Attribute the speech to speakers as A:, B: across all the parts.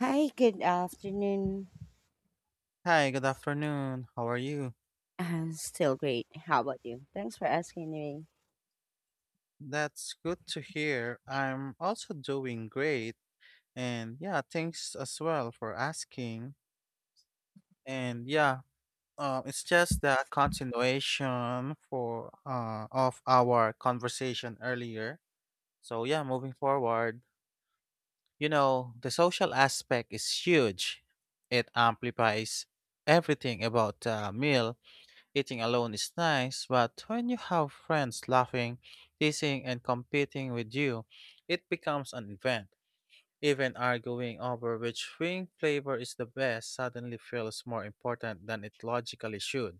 A: Hi, good afternoon.
B: Hi, good afternoon. How are you?
A: Still great. How about you? Thanks for asking me.
B: That's good to hear. I'm also doing great. And yeah, thanks as well for asking. And yeah, it's just the continuation for of our conversation earlier. So yeah, moving forward, you know, the social aspect is huge. It amplifies everything about the meal. Eating alone is nice, but when you have friends laughing, teasing, and competing with you, it becomes an event. Even arguing over which wing flavor is the best suddenly feels more important than it logically should.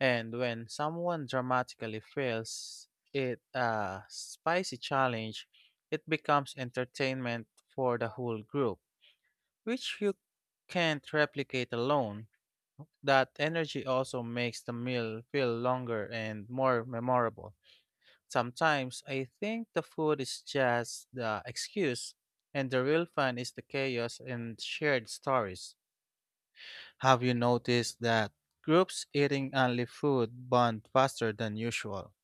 B: And when someone dramatically fails it a spicy challenge, it becomes entertainment for the whole group, which you can't replicate alone. That energy also makes the meal feel longer and more memorable. Sometimes I think the food is just the excuse, and the real fun is the chaos and shared stories. Have you noticed that groups eating only food bond faster than usual?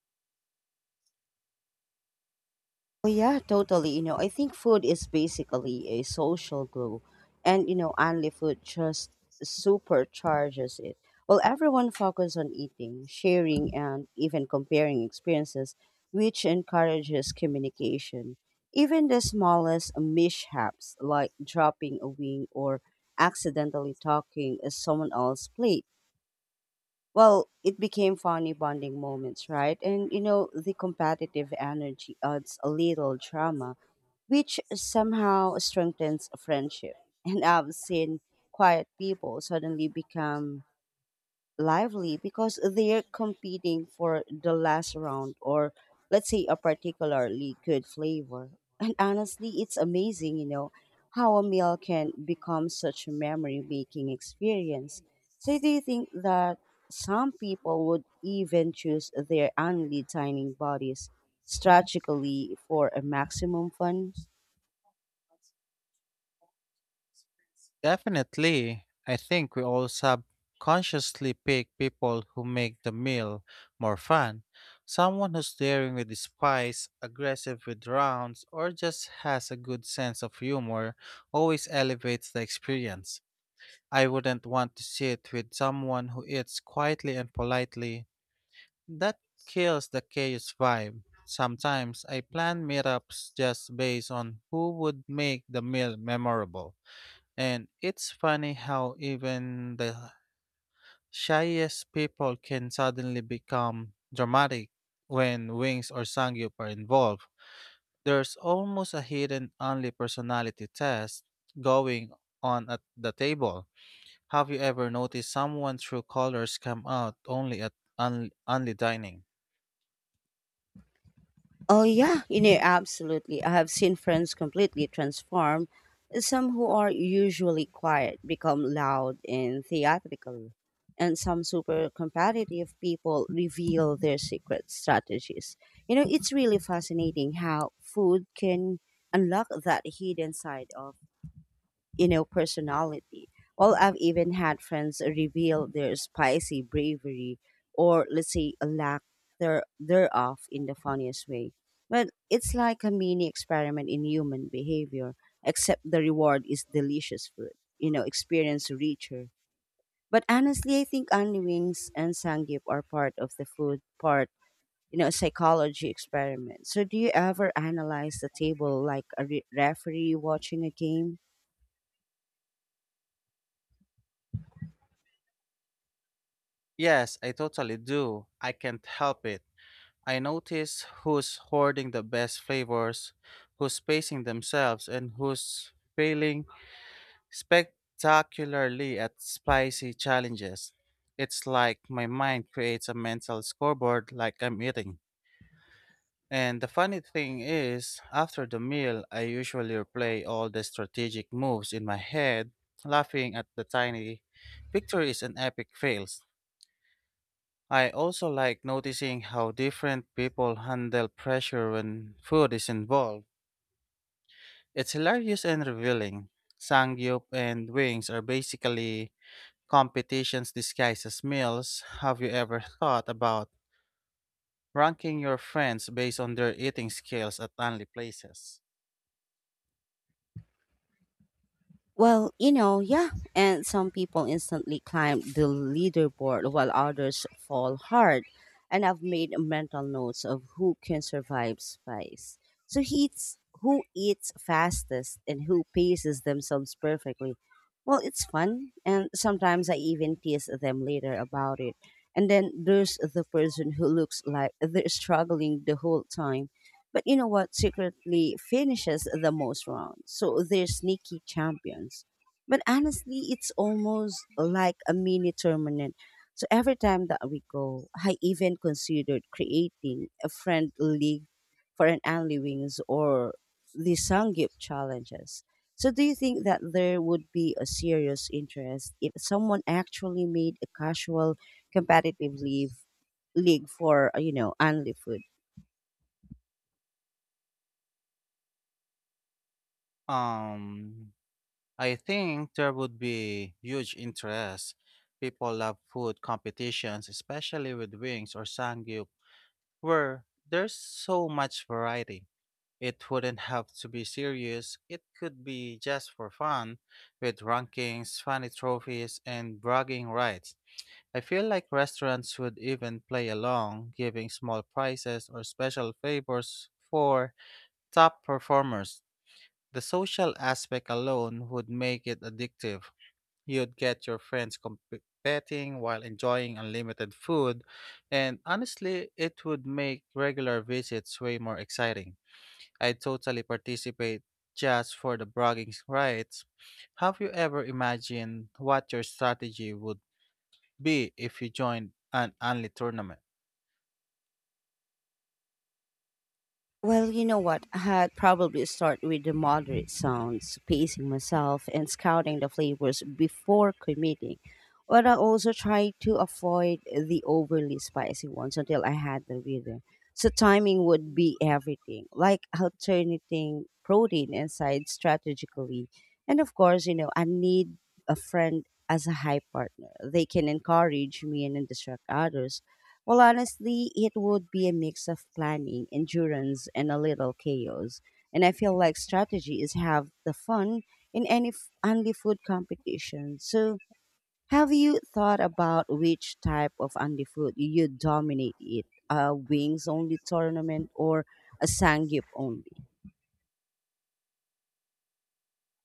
A: Oh yeah, totally. I think food is basically a social glue, and only food just supercharges it. Well, everyone focuses on eating, sharing, and even comparing experiences, which encourages communication. Even the smallest mishaps, like dropping a wing or accidentally talking at someone else's plate, well, it became funny bonding moments, right? And the competitive energy adds a little drama, which somehow strengthens a friendship. And I've seen quiet people suddenly become lively because they're competing for the last round or, let's say, a particularly good flavor. And honestly, it's amazing, how a meal can become such a memory making experience. So do you think that some people would even choose their only dining bodies strategically for a maximum fun?
B: Definitely. I think we all subconsciously pick people who make the meal more fun. Someone who's daring with the spice, aggressive with rounds, or just has a good sense of humor always elevates the experience. I wouldn't want to sit with someone who eats quietly and politely. That kills the chaos vibe. Sometimes I plan meetups just based on who would make the meal memorable. And it's funny how even the shyest people can suddenly become dramatic when Wings or Sangyup are involved. There's almost a hidden only personality test going on at the table. Have you ever noticed someone true colors come out only at only dining?
A: Oh yeah, absolutely. I have seen friends completely transform. Some who are usually quiet become loud and theatrical, and some super competitive people reveal their secret strategies. It's really fascinating how food can unlock that hidden side of personality. Well, I've even had friends reveal their spicy bravery or, let's say, a lack thereof in the funniest way. But it's like a mini experiment in human behavior, except the reward is delicious food, experience richer. But honestly, I think only wings and sangyup are part of the food part, psychology experiment. So do you ever analyze the table like a referee watching a game?
B: Yes, I totally do. I can't help it. I notice who's hoarding the best flavors, who's pacing themselves, and who's failing spectacularly at spicy challenges. It's like my mind creates a mental scoreboard like I'm eating. And the funny thing is, after the meal, I usually replay all the strategic moves in my head, laughing at the tiny victories and epic fails. I also like noticing how different people handle pressure when food is involved. It's hilarious and revealing. Sangyup and wings are basically competitions disguised as meals. Have you ever thought about ranking your friends based on their eating skills at only places?
A: Well, yeah. And some people instantly climb the leaderboard while others fall hard. And I've made mental notes of who can survive spice. So he eats who eats fastest and who paces themselves perfectly. Well, it's fun. And sometimes I even tease them later about it. And then there's the person who looks like they're struggling the whole time, but you know what secretly finishes the most rounds? So they're sneaky champions. But honestly, it's almost like a mini tournament. So every time that we go, I even considered creating a friend league for an Anli Wings or the Sangyup challenges. So do you think that there would be a serious interest if someone actually made a casual competitive leave league for, Anli food?
B: Um, I think there would be huge interest. People love food competitions, especially with wings or sangyup, where there's so much variety. It wouldn't have to be serious. It could be just for fun, with rankings, funny trophies, and bragging rights. I feel like restaurants would even play along, giving small prizes or special favors for top performers. The social aspect alone would make it addictive. You'd get your friends competing while enjoying unlimited food, and honestly, it would make regular visits way more exciting. I'd totally participate just for the bragging rights. Have you ever imagined what your strategy would B if you join an only tournament?
A: Well, you know what? I'd probably start with the moderate sounds, pacing myself and scouting the flavors before committing. But I also try to avoid the overly spicy ones until I had the rhythm. So timing would be everything, like alternating protein and sides strategically. And of course, I need a friend as a high partner. They can encourage me and then distract others. Well, honestly, it would be a mix of planning, endurance, and a little chaos. And I feel like strategy is half the fun in any only food competition. So, have you thought about which type of only food you dominate it? A wings only tournament or a sangyup only?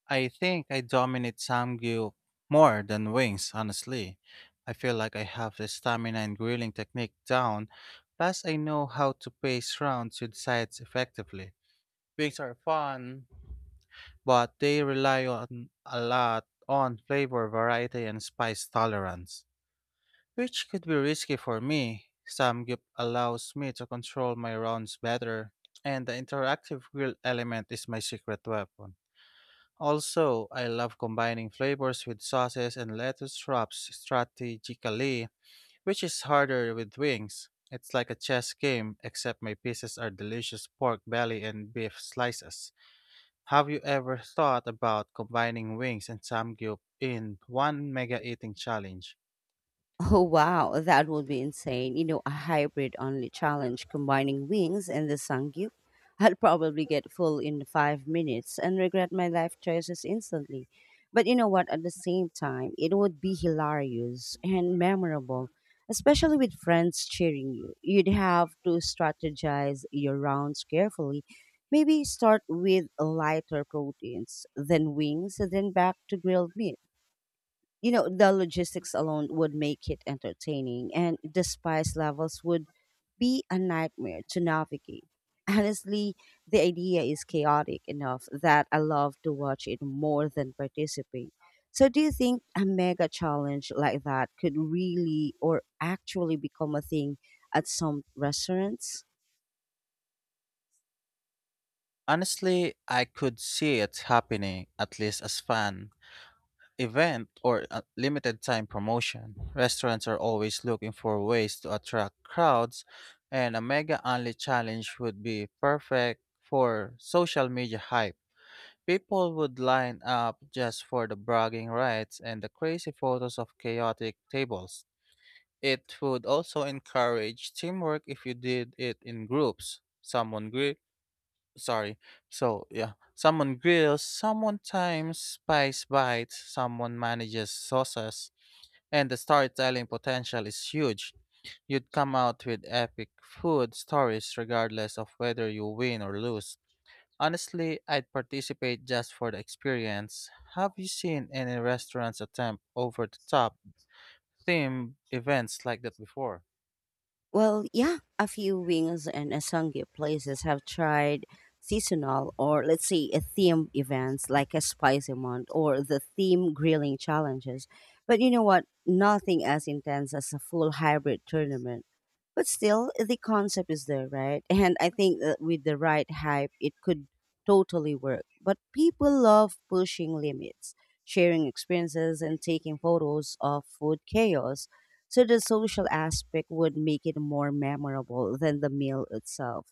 B: I think I dominate Samgyu more than wings, honestly. I feel like I have the stamina and grilling technique down, plus I know how to pace rounds with sides effectively. Wings are fun, but they rely on a lot on flavor variety and spice tolerance, which could be risky for me. Samgyup allows me to control my rounds better, and the interactive grill element is my secret weapon. Also, I love combining flavors with sauces and lettuce wraps strategically, which is harder with wings. It's like a chess game, except my pieces are delicious pork belly and beef slices. Have you ever thought about combining wings and samgyup in one mega eating challenge?
A: Oh wow, that would be insane. A hybrid only challenge combining wings and the sangyup. I'd probably get full in 5 minutes and regret my life choices instantly. But you know what? At the same time, it would be hilarious and memorable, especially with friends cheering you. You'd have to strategize your rounds carefully. Maybe start with lighter proteins, then wings, then back to grilled meat. The logistics alone would make it entertaining, and the spice levels would be a nightmare to navigate. Honestly, the idea is chaotic enough that I love to watch it more than participate. So do you think a mega challenge like that could really or actually become a thing at some restaurants?
B: Honestly, I could see it happening at least as fan event or a limited time promotion. Restaurants are always looking for ways to attract crowds, and a mega only challenge would be perfect for social media hype. People would line up just for the bragging rights and the crazy photos of chaotic tables. It would also encourage teamwork if you did it in groups. Sorry. So yeah, someone grills, someone times spice bites, someone manages sauces, and the storytelling potential is huge. You'd come out with epic food stories regardless of whether you win or lose. Honestly, I'd participate just for the experience. Have you seen any restaurants attempt over the top theme events like that before?
A: Well, yeah, a few wings and Asangi places have tried seasonal or, let's say, a theme events like a spicy month or the theme grilling challenges. But you know what? Nothing as intense as a full hybrid tournament. But still, the concept is there, right? And I think that with the right hype, it could totally work. But people love pushing limits, sharing experiences, and taking photos of food chaos. So the social aspect would make it more memorable than the meal itself.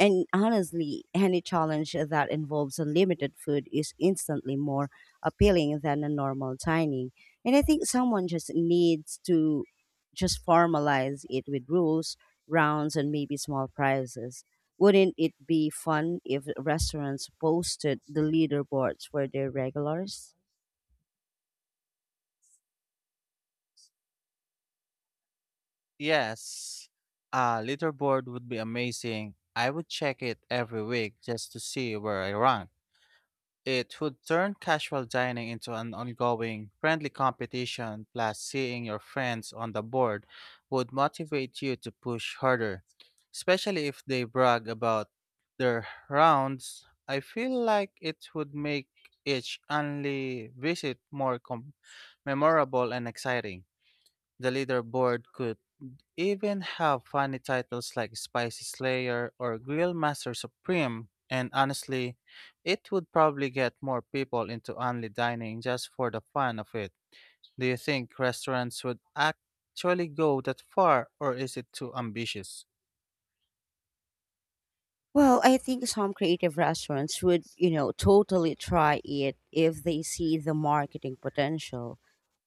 A: And honestly, any challenge that involves unlimited food is instantly more appealing than a normal dining. And I think someone just needs to just formalize it with rules, rounds, and maybe small prizes. Wouldn't it be fun if restaurants posted the leaderboards for their regulars?
B: Yes, a leaderboard would be amazing. I would check it every week just to see where I rank. It would turn casual dining into an ongoing, friendly competition. Plus, seeing your friends on the board would motivate you to push harder, especially if they brag about their rounds. I feel like it would make each only visit more memorable and exciting. The leaderboard could even have funny titles like Spicy Slayer or Grill Master Supreme, and honestly, it would probably get more people into only dining just for the fun of it. Do you think restaurants would actually go that far, or is it too ambitious?
A: Well, I think some creative restaurants would, totally try it if they see the marketing potential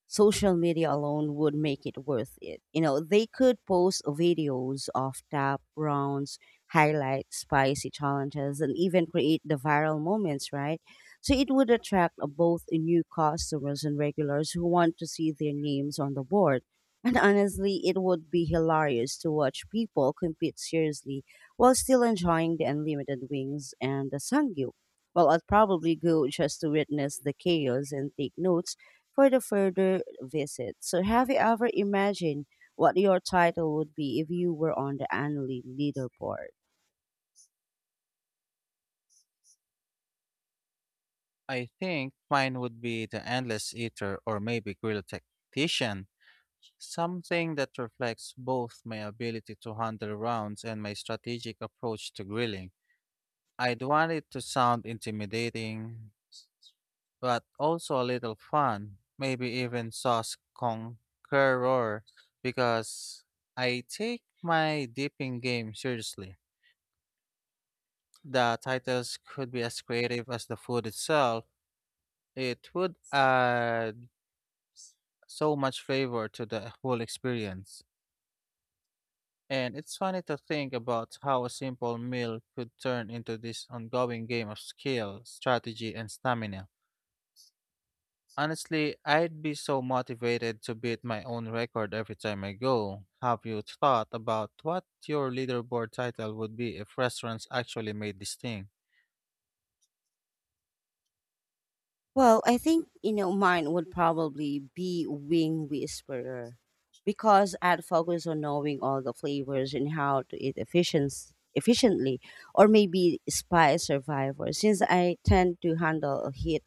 A: social media alone would make it worth it. They could post videos of tap rounds, highlights, spicy challenges, and even create the viral moments, right? So it would attract both new customers and regulars who want to see their names on the board. And honestly, it would be hilarious to watch people compete seriously while still enjoying the unlimited wings and the sangyu. Well, I'd probably go just to witness the chaos and take notes for the further visit. So, have you ever imagined what your title would be if you were on the annually leaderboard?
B: I think mine would be the endless eater or maybe grill tactician, something that reflects both my ability to handle rounds and my strategic approach to grilling. I'd want it to sound intimidating, but also a little fun, maybe even sauce conqueror, because I take my dipping game seriously. The titles could be as creative as the food itself. It would add so much flavor to the whole experience. And it's funny to think about how a simple meal could turn into this ongoing game of skill, strategy, and stamina. Honestly, I'd be so motivated to beat my own record every time I go. Have you thought about what your leaderboard title would be if restaurants actually made this thing?
A: Well, I think mine would probably be wing whisperer because I'd focus on knowing all the flavors and how to eat efficiency efficiently or maybe spy survivor since I tend to handle heat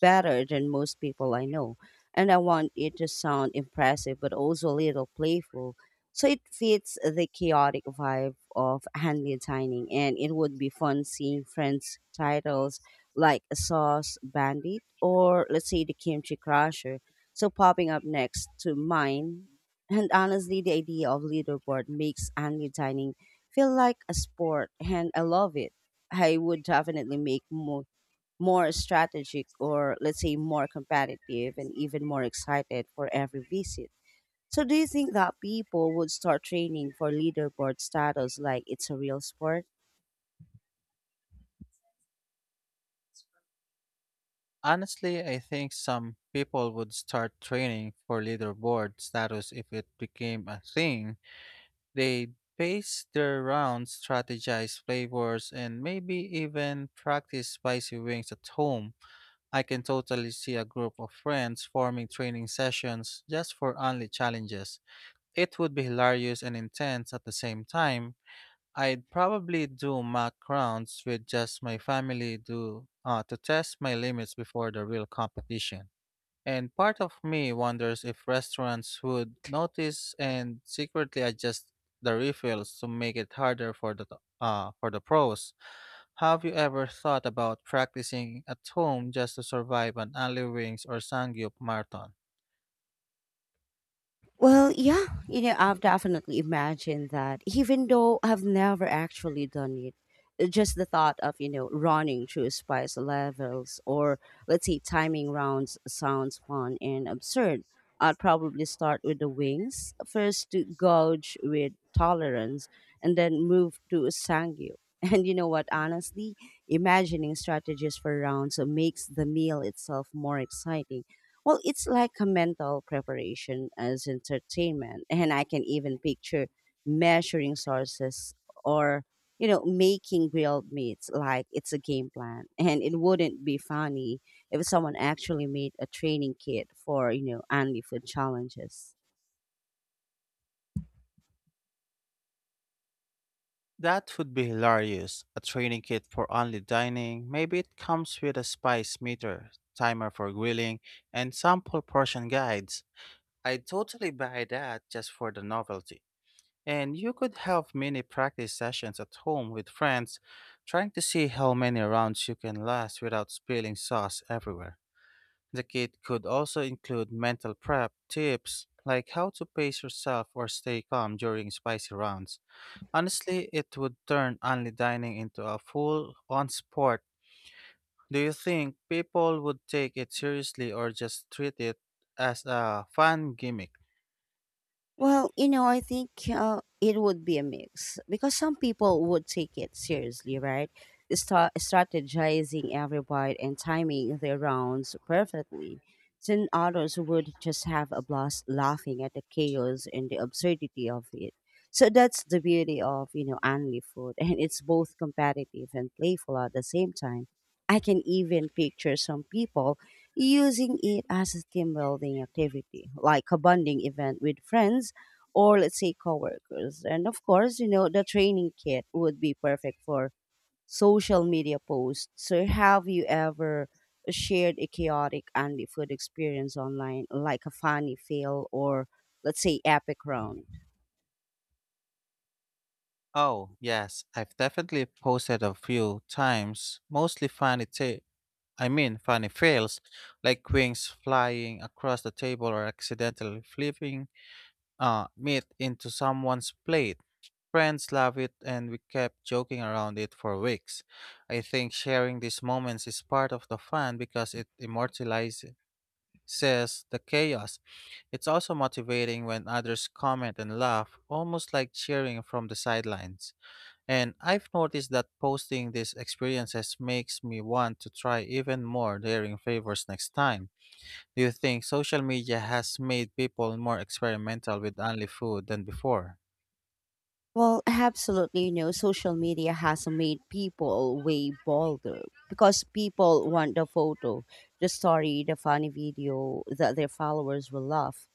A: better than most people I know. And I want it to sound impressive, but also a little playful. So it fits the chaotic vibe of handmade dining. And it would be fun seeing friends' titles like a Sauce Bandit or, let's say, the Kimchi Crusher. So popping up next to mine. And honestly, the idea of leaderboard makes handmade dining feel like a sport, and I love it. I would definitely make more strategic or, let's say, more competitive and even more excited for every visit. So do you think that people would start training for leaderboard status like it's a real sport?
B: Honestly, I think some people would start training for leaderboard status if it became a thing. They'd pace their rounds, strategize flavors, and maybe even practice spicy wings at home. I can totally see a group of friends forming training sessions just for only challenges. It would be hilarious and intense at the same time. I'd probably do mock rounds with just my family, to test my limits before the real competition. And part of me wonders if restaurants would notice and secretly adjust the refills to make it harder for the pros. Have you ever thought about practicing at home just to survive an alley wings or sangyup marathon?
A: Well, yeah, I've definitely imagined that, even though I've never actually done it. Just the thought of, running through spice levels or, let's say, timing rounds sounds fun and absurd. I'd probably start with the wings, first to gauge with tolerance, and then move to sangyu. And you know what, honestly, imagining strategies for rounds makes the meal itself more exciting. Well, it's like a mental preparation as entertainment. And I can even picture measuring sources or, making grilled meats like it's a game plan. And it wouldn't be funny if someone actually made a training kit for, only food challenges.
B: That would be hilarious. A training kit for only dining. Maybe it comes with a spice meter, timer for grilling, and sample portion guides. I'd totally buy that just for the novelty. And you could have mini practice sessions at home with friends, trying to see how many rounds you can last without spilling sauce everywhere. The kit could also include mental prep tips like how to pace yourself or stay calm during spicy rounds. Honestly, it would turn only dining into a full on sport. Do you think people would take it seriously or just treat it as a fun gimmick?
A: Well, I think it would be a mix because some people would take it seriously, right? They start strategizing every bite and timing their rounds perfectly. Then others would just have a blast laughing at the chaos and the absurdity of it. So that's the beauty of, Anli food. And it's both competitive and playful at the same time. I can even picture some people using it as a team building activity, like a bonding event with friends or, let's say, coworkers. And of course, the training kit would be perfect for social media posts. So have you ever shared a chaotic Andy food experience online, like a funny fail or, let's say, epic round?
B: Oh, yes, I've definitely posted a few times, mostly I mean funny fails, like wings flying across the table or accidentally flipping meat into someone's plate. Friends love it, and we kept joking around it for weeks. I think sharing these moments is part of the fun because it immortalizes the chaos. It's also motivating when others comment and laugh, almost like cheering from the sidelines. And I've noticed that posting these experiences makes me want to try even more daring favors next time. Do you think social media has made people more experimental with only food than before?
A: Well, absolutely. Social media has made people way bolder because people want the photo, the story, the funny video that their followers will love.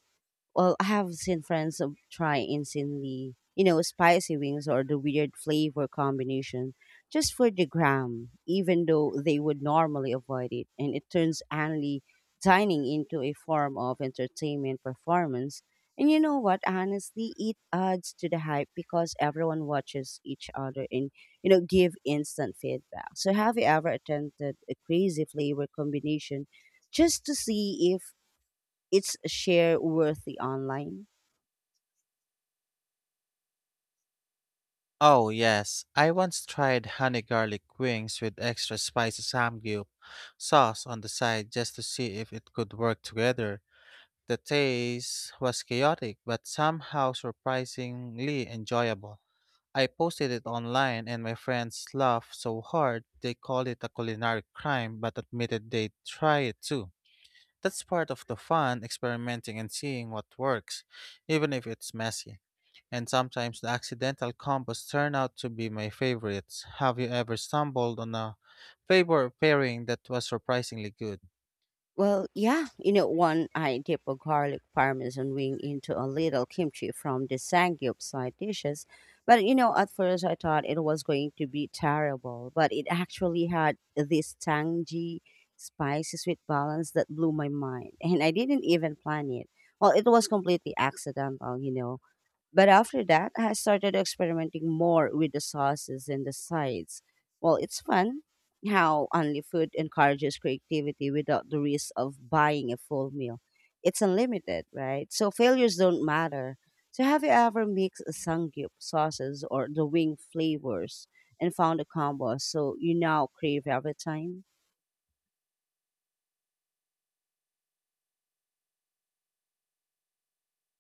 A: Well, I have seen friends try insanely, spicy wings or the weird flavor combination just for the gram, even though they would normally avoid it. And it turns annually dining into a form of entertainment performance. And you know what? Honestly, it adds to the hype because everyone watches each other and, give instant feedback. So, have you ever attempted a crazy flavor combination just to see if it's share worthy online.
B: Oh, yes. I once tried honey garlic wings with extra spicy samgyup sauce on the side just to see if it could work together. The taste was chaotic, but somehow surprisingly enjoyable. I posted it online and my friends laughed so hard they called it a culinary crime but admitted they'd try it too. That's part of the fun, experimenting and seeing what works, even if it's messy. And sometimes the accidental combos turn out to be my favorites. Have you ever stumbled on a favorite pairing that was surprisingly good?
A: Well, yeah, one I dip a garlic parmesan wing into a little kimchi from the Sangyup side dishes. But at first I thought it was going to be terrible, but it actually had this tangy, spicy sweet balance that blew my mind. And I didn't even plan it. Well, it was completely accidental. But after that, I started experimenting more with the sauces and the sides. Well, it's fun how only food encourages creativity without the risk of buying a full meal. It's unlimited, right? So failures don't matter. So have you ever mixed a sangyup sauces or the wing flavors and found a combo so you now crave every time?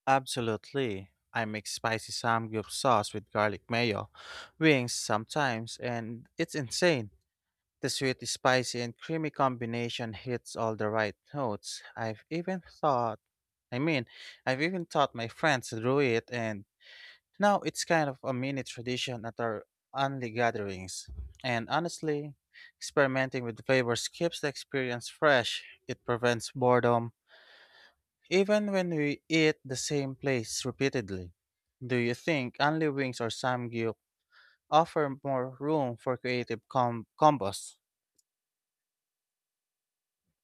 B: Absolutely. I make spicy samgyeop sauce with garlic mayo, wings sometimes, and it's insane. The sweet, spicy, and creamy combination hits all the right notes. I've even thought, I mean, I've even taught my friends to do it, and now it's kind of a mini tradition at our only gatherings. And honestly, experimenting with flavors keeps the experience fresh. It prevents boredom, even when we eat the same place repeatedly. Do you think only wings or samgyup offer more room for creative combos?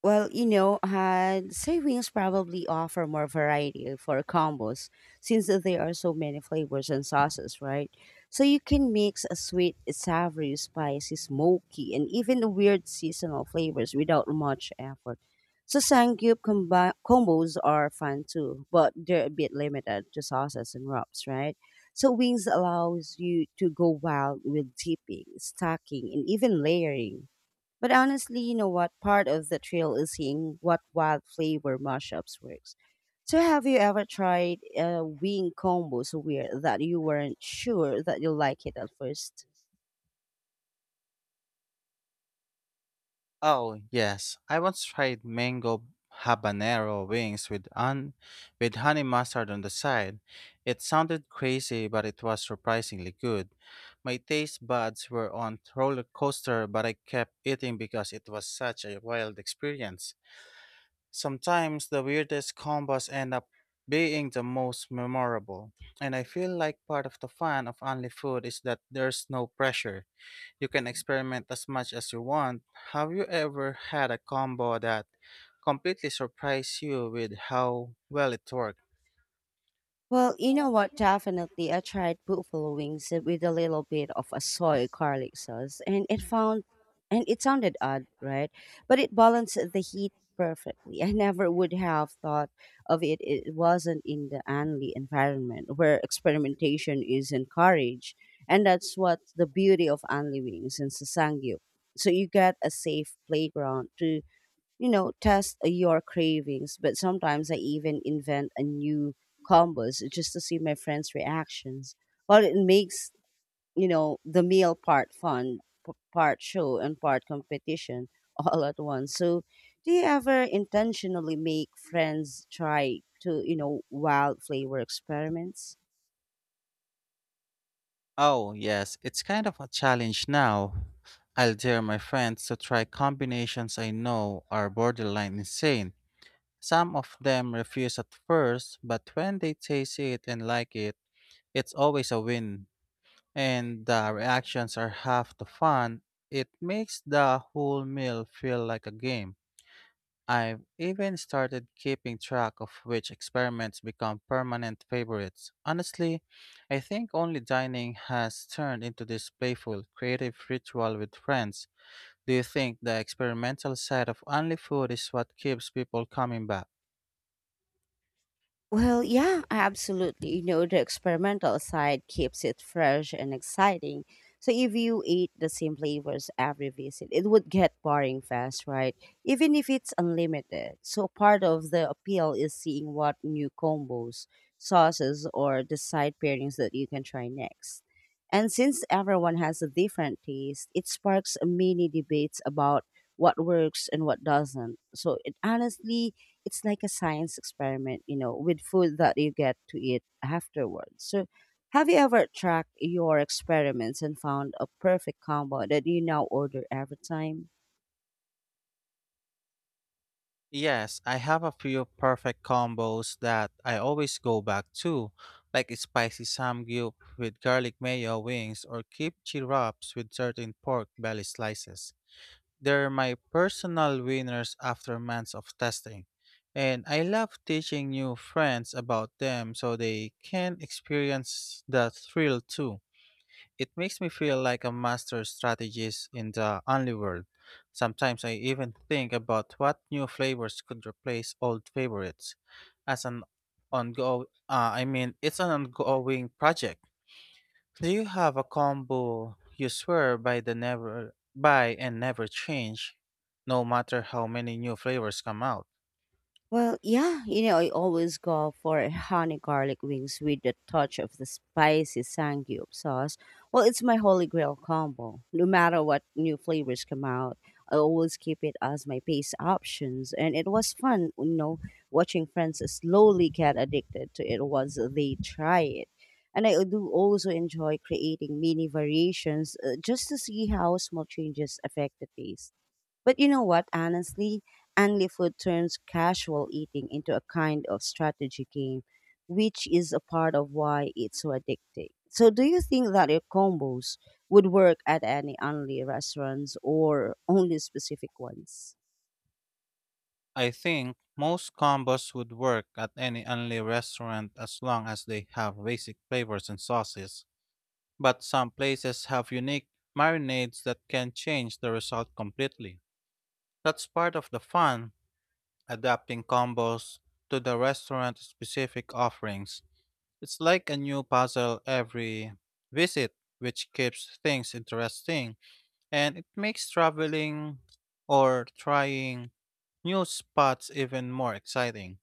A: Well, savings probably offer more variety for combos since there are so many flavors and sauces, right? So you can mix a sweet, savory, spicy, smoky, and even weird seasonal flavors without much effort. So Sangyup combos are fun too, but they're a bit limited to sauces and wraps, right? So wings allows you to go wild with dipping, stacking, and even layering. But honestly, you know what? Part of the thrill is seeing what wild flavor mashups works. So, have you ever tried a wing combo so weird that you weren't sure that you like it at first?
B: Oh, yes. I once tried mango habanero wings with with honey mustard on the side. It sounded crazy, but it was surprisingly good. My taste buds were on roller coaster, but I kept eating because it was such a wild experience. Sometimes the weirdest combos end up being the most memorable, and I feel like part of the fun of only food is that there's no pressure. You can experiment as much as you want. Have you ever had a combo that completely surprised you with how well it worked?
A: Well, you know what? Definitely, I tried buffalo wings with a little bit of a soy garlic sauce, and it sounded odd, right? But it balanced the heat perfectly. I never would have thought of it. It wasn't in the only environment where experimentation is encouraged, and that's what the beauty of only wings and Sasangyup. So you get a safe playground to, you know, test your cravings, but sometimes I even invent a new combos just to see my friends' reactions. Well, it makes, you know, the meal part fun, part show, and part competition all at once. So, do you ever intentionally make friends try to, you know, wild flavor experiments?
B: Oh, yes, it's kind of a challenge now. I'll dare my friends to try combinations I know are borderline insane. Some of them refuse at first, but when they taste it and like it, it's always a win. And the reactions are half the fun. It makes the whole meal feel like a game. I've even started keeping track of which experiments become permanent favorites. Honestly, I think only dining has turned into this playful, creative ritual with friends. Do you think the experimental side of only food is what keeps people coming back?
A: Well, yeah, absolutely. You know, the experimental side keeps it fresh and exciting. So if you eat the same flavors every visit, it would get boring fast, right? Even if it's unlimited. So part of the appeal is seeing what new combos, sauces, or the side pairings that you can try next. And since everyone has a different taste, it sparks mini debates about what works and what doesn't. So it honestly it's like a science experiment, you know, with food that you get to eat afterwards. So, have you ever tracked your experiments and found a perfect combo that you now order every time?
B: Yes, I have a few perfect combos that I always go back to, like a spicy samgyup with garlic mayo wings or kimchi wraps with certain pork belly slices. They're my personal winners after months of testing. And I love teaching new friends about them so they can experience the thrill too. It makes me feel like a master strategist in the only world. Sometimes I even think about what new flavors could replace old favorites. As an ongo, I mean, it's an ongoing project. Do you have a combo you swear by the never by and never change, no matter how many new flavors come out?
A: Well, yeah, you know, I always go for honey garlic wings with a touch of the spicy Sangyup sauce. Well, it's my holy grail combo. No matter what new flavors come out, I always keep it as my base options. And it was fun, you know, watching friends slowly get addicted to it once they try it. And I do also enjoy creating mini variations just to see how small changes affect the taste. But you know what, honestly, Angli food turns casual eating into a kind of strategy game, which is a part of why it's so addicting. So do you think that your combos would work at any only restaurants or only specific ones?
B: I think most combos would work at any only restaurant as long as they have basic flavors and sauces. But some places have unique marinades that can change the result completely. That's part of the fun, adapting combos to the restaurant specific offerings. It's like a new puzzle every visit, which keeps things interesting, and it makes traveling or trying new spots even more exciting.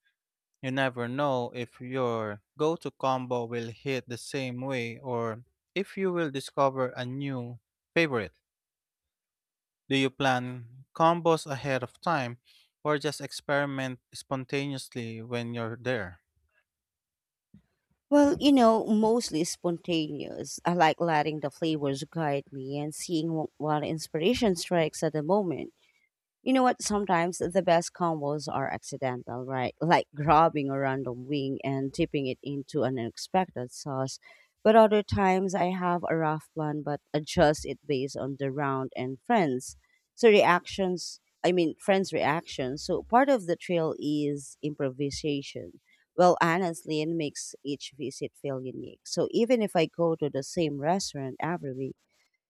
B: You never know if your go to combo will hit the same way or if you will discover a new favorite. Do you plan combos ahead of time or just experiment spontaneously when you're there?
A: Well, you know, mostly spontaneous. I like letting the flavors guide me and seeing what inspiration strikes at the moment. You know what? Sometimes the best combos are accidental, right? Like grabbing a random wing and dipping it into an unexpected sauce. But other times I have a rough plan but adjust it based on the round and friends. So reactions, I mean, friends' reactions. So part of the trail is improvisation. Well, honestly, it makes each visit feel unique. So even if I go to the same restaurant every week,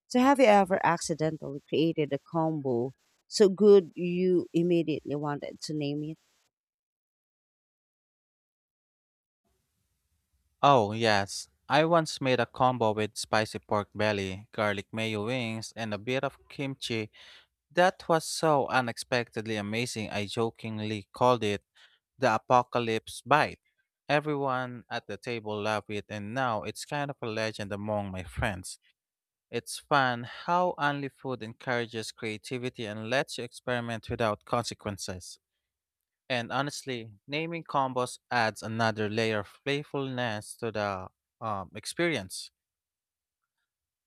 A: so have you ever accidentally created a combo so good you immediately wanted to name it?
B: Oh, yes. I once made a combo with spicy pork belly, garlic mayo wings, and a bit of kimchi that was so unexpectedly amazing I jokingly called it the apocalypse bite. Everyone at the table loved it, and now it's kind of a legend among my friends. It's fun how only food encourages creativity and lets you experiment without consequences. And honestly, naming combos adds another layer of playfulness to the experience.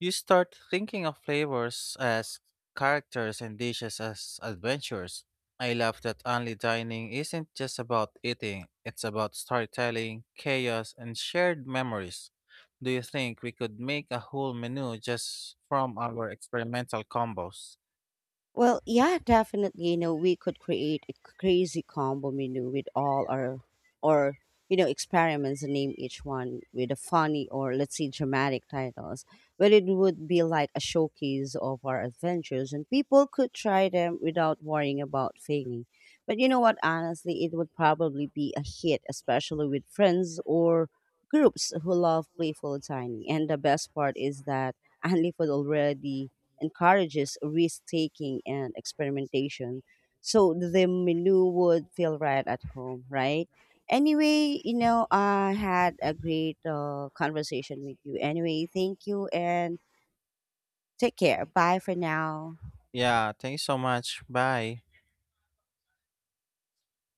B: You start thinking of flavors as characters and dishes as adventures. I love that only dining isn't just about eating, it's about storytelling, chaos, and shared memories. Do you think we could make a whole menu just from our experimental combos?
A: Well, yeah, definitely. You know, we could create a crazy combo menu with all our, or you know, experiments and name each one with a funny or let's say dramatic titles. But it would be like a showcase of our adventures, and people could try them without worrying about failing. But you know what? Honestly, it would probably be a hit, especially with friends or groups who love playful dining. And the best part is that Andy would already encourages risk taking and experimentation. So the menu would feel right at home, right? Anyway, you know, I had a great conversation with you. Anyway, thank you and take care. Bye for now.
B: Yeah, thanks so much. Bye.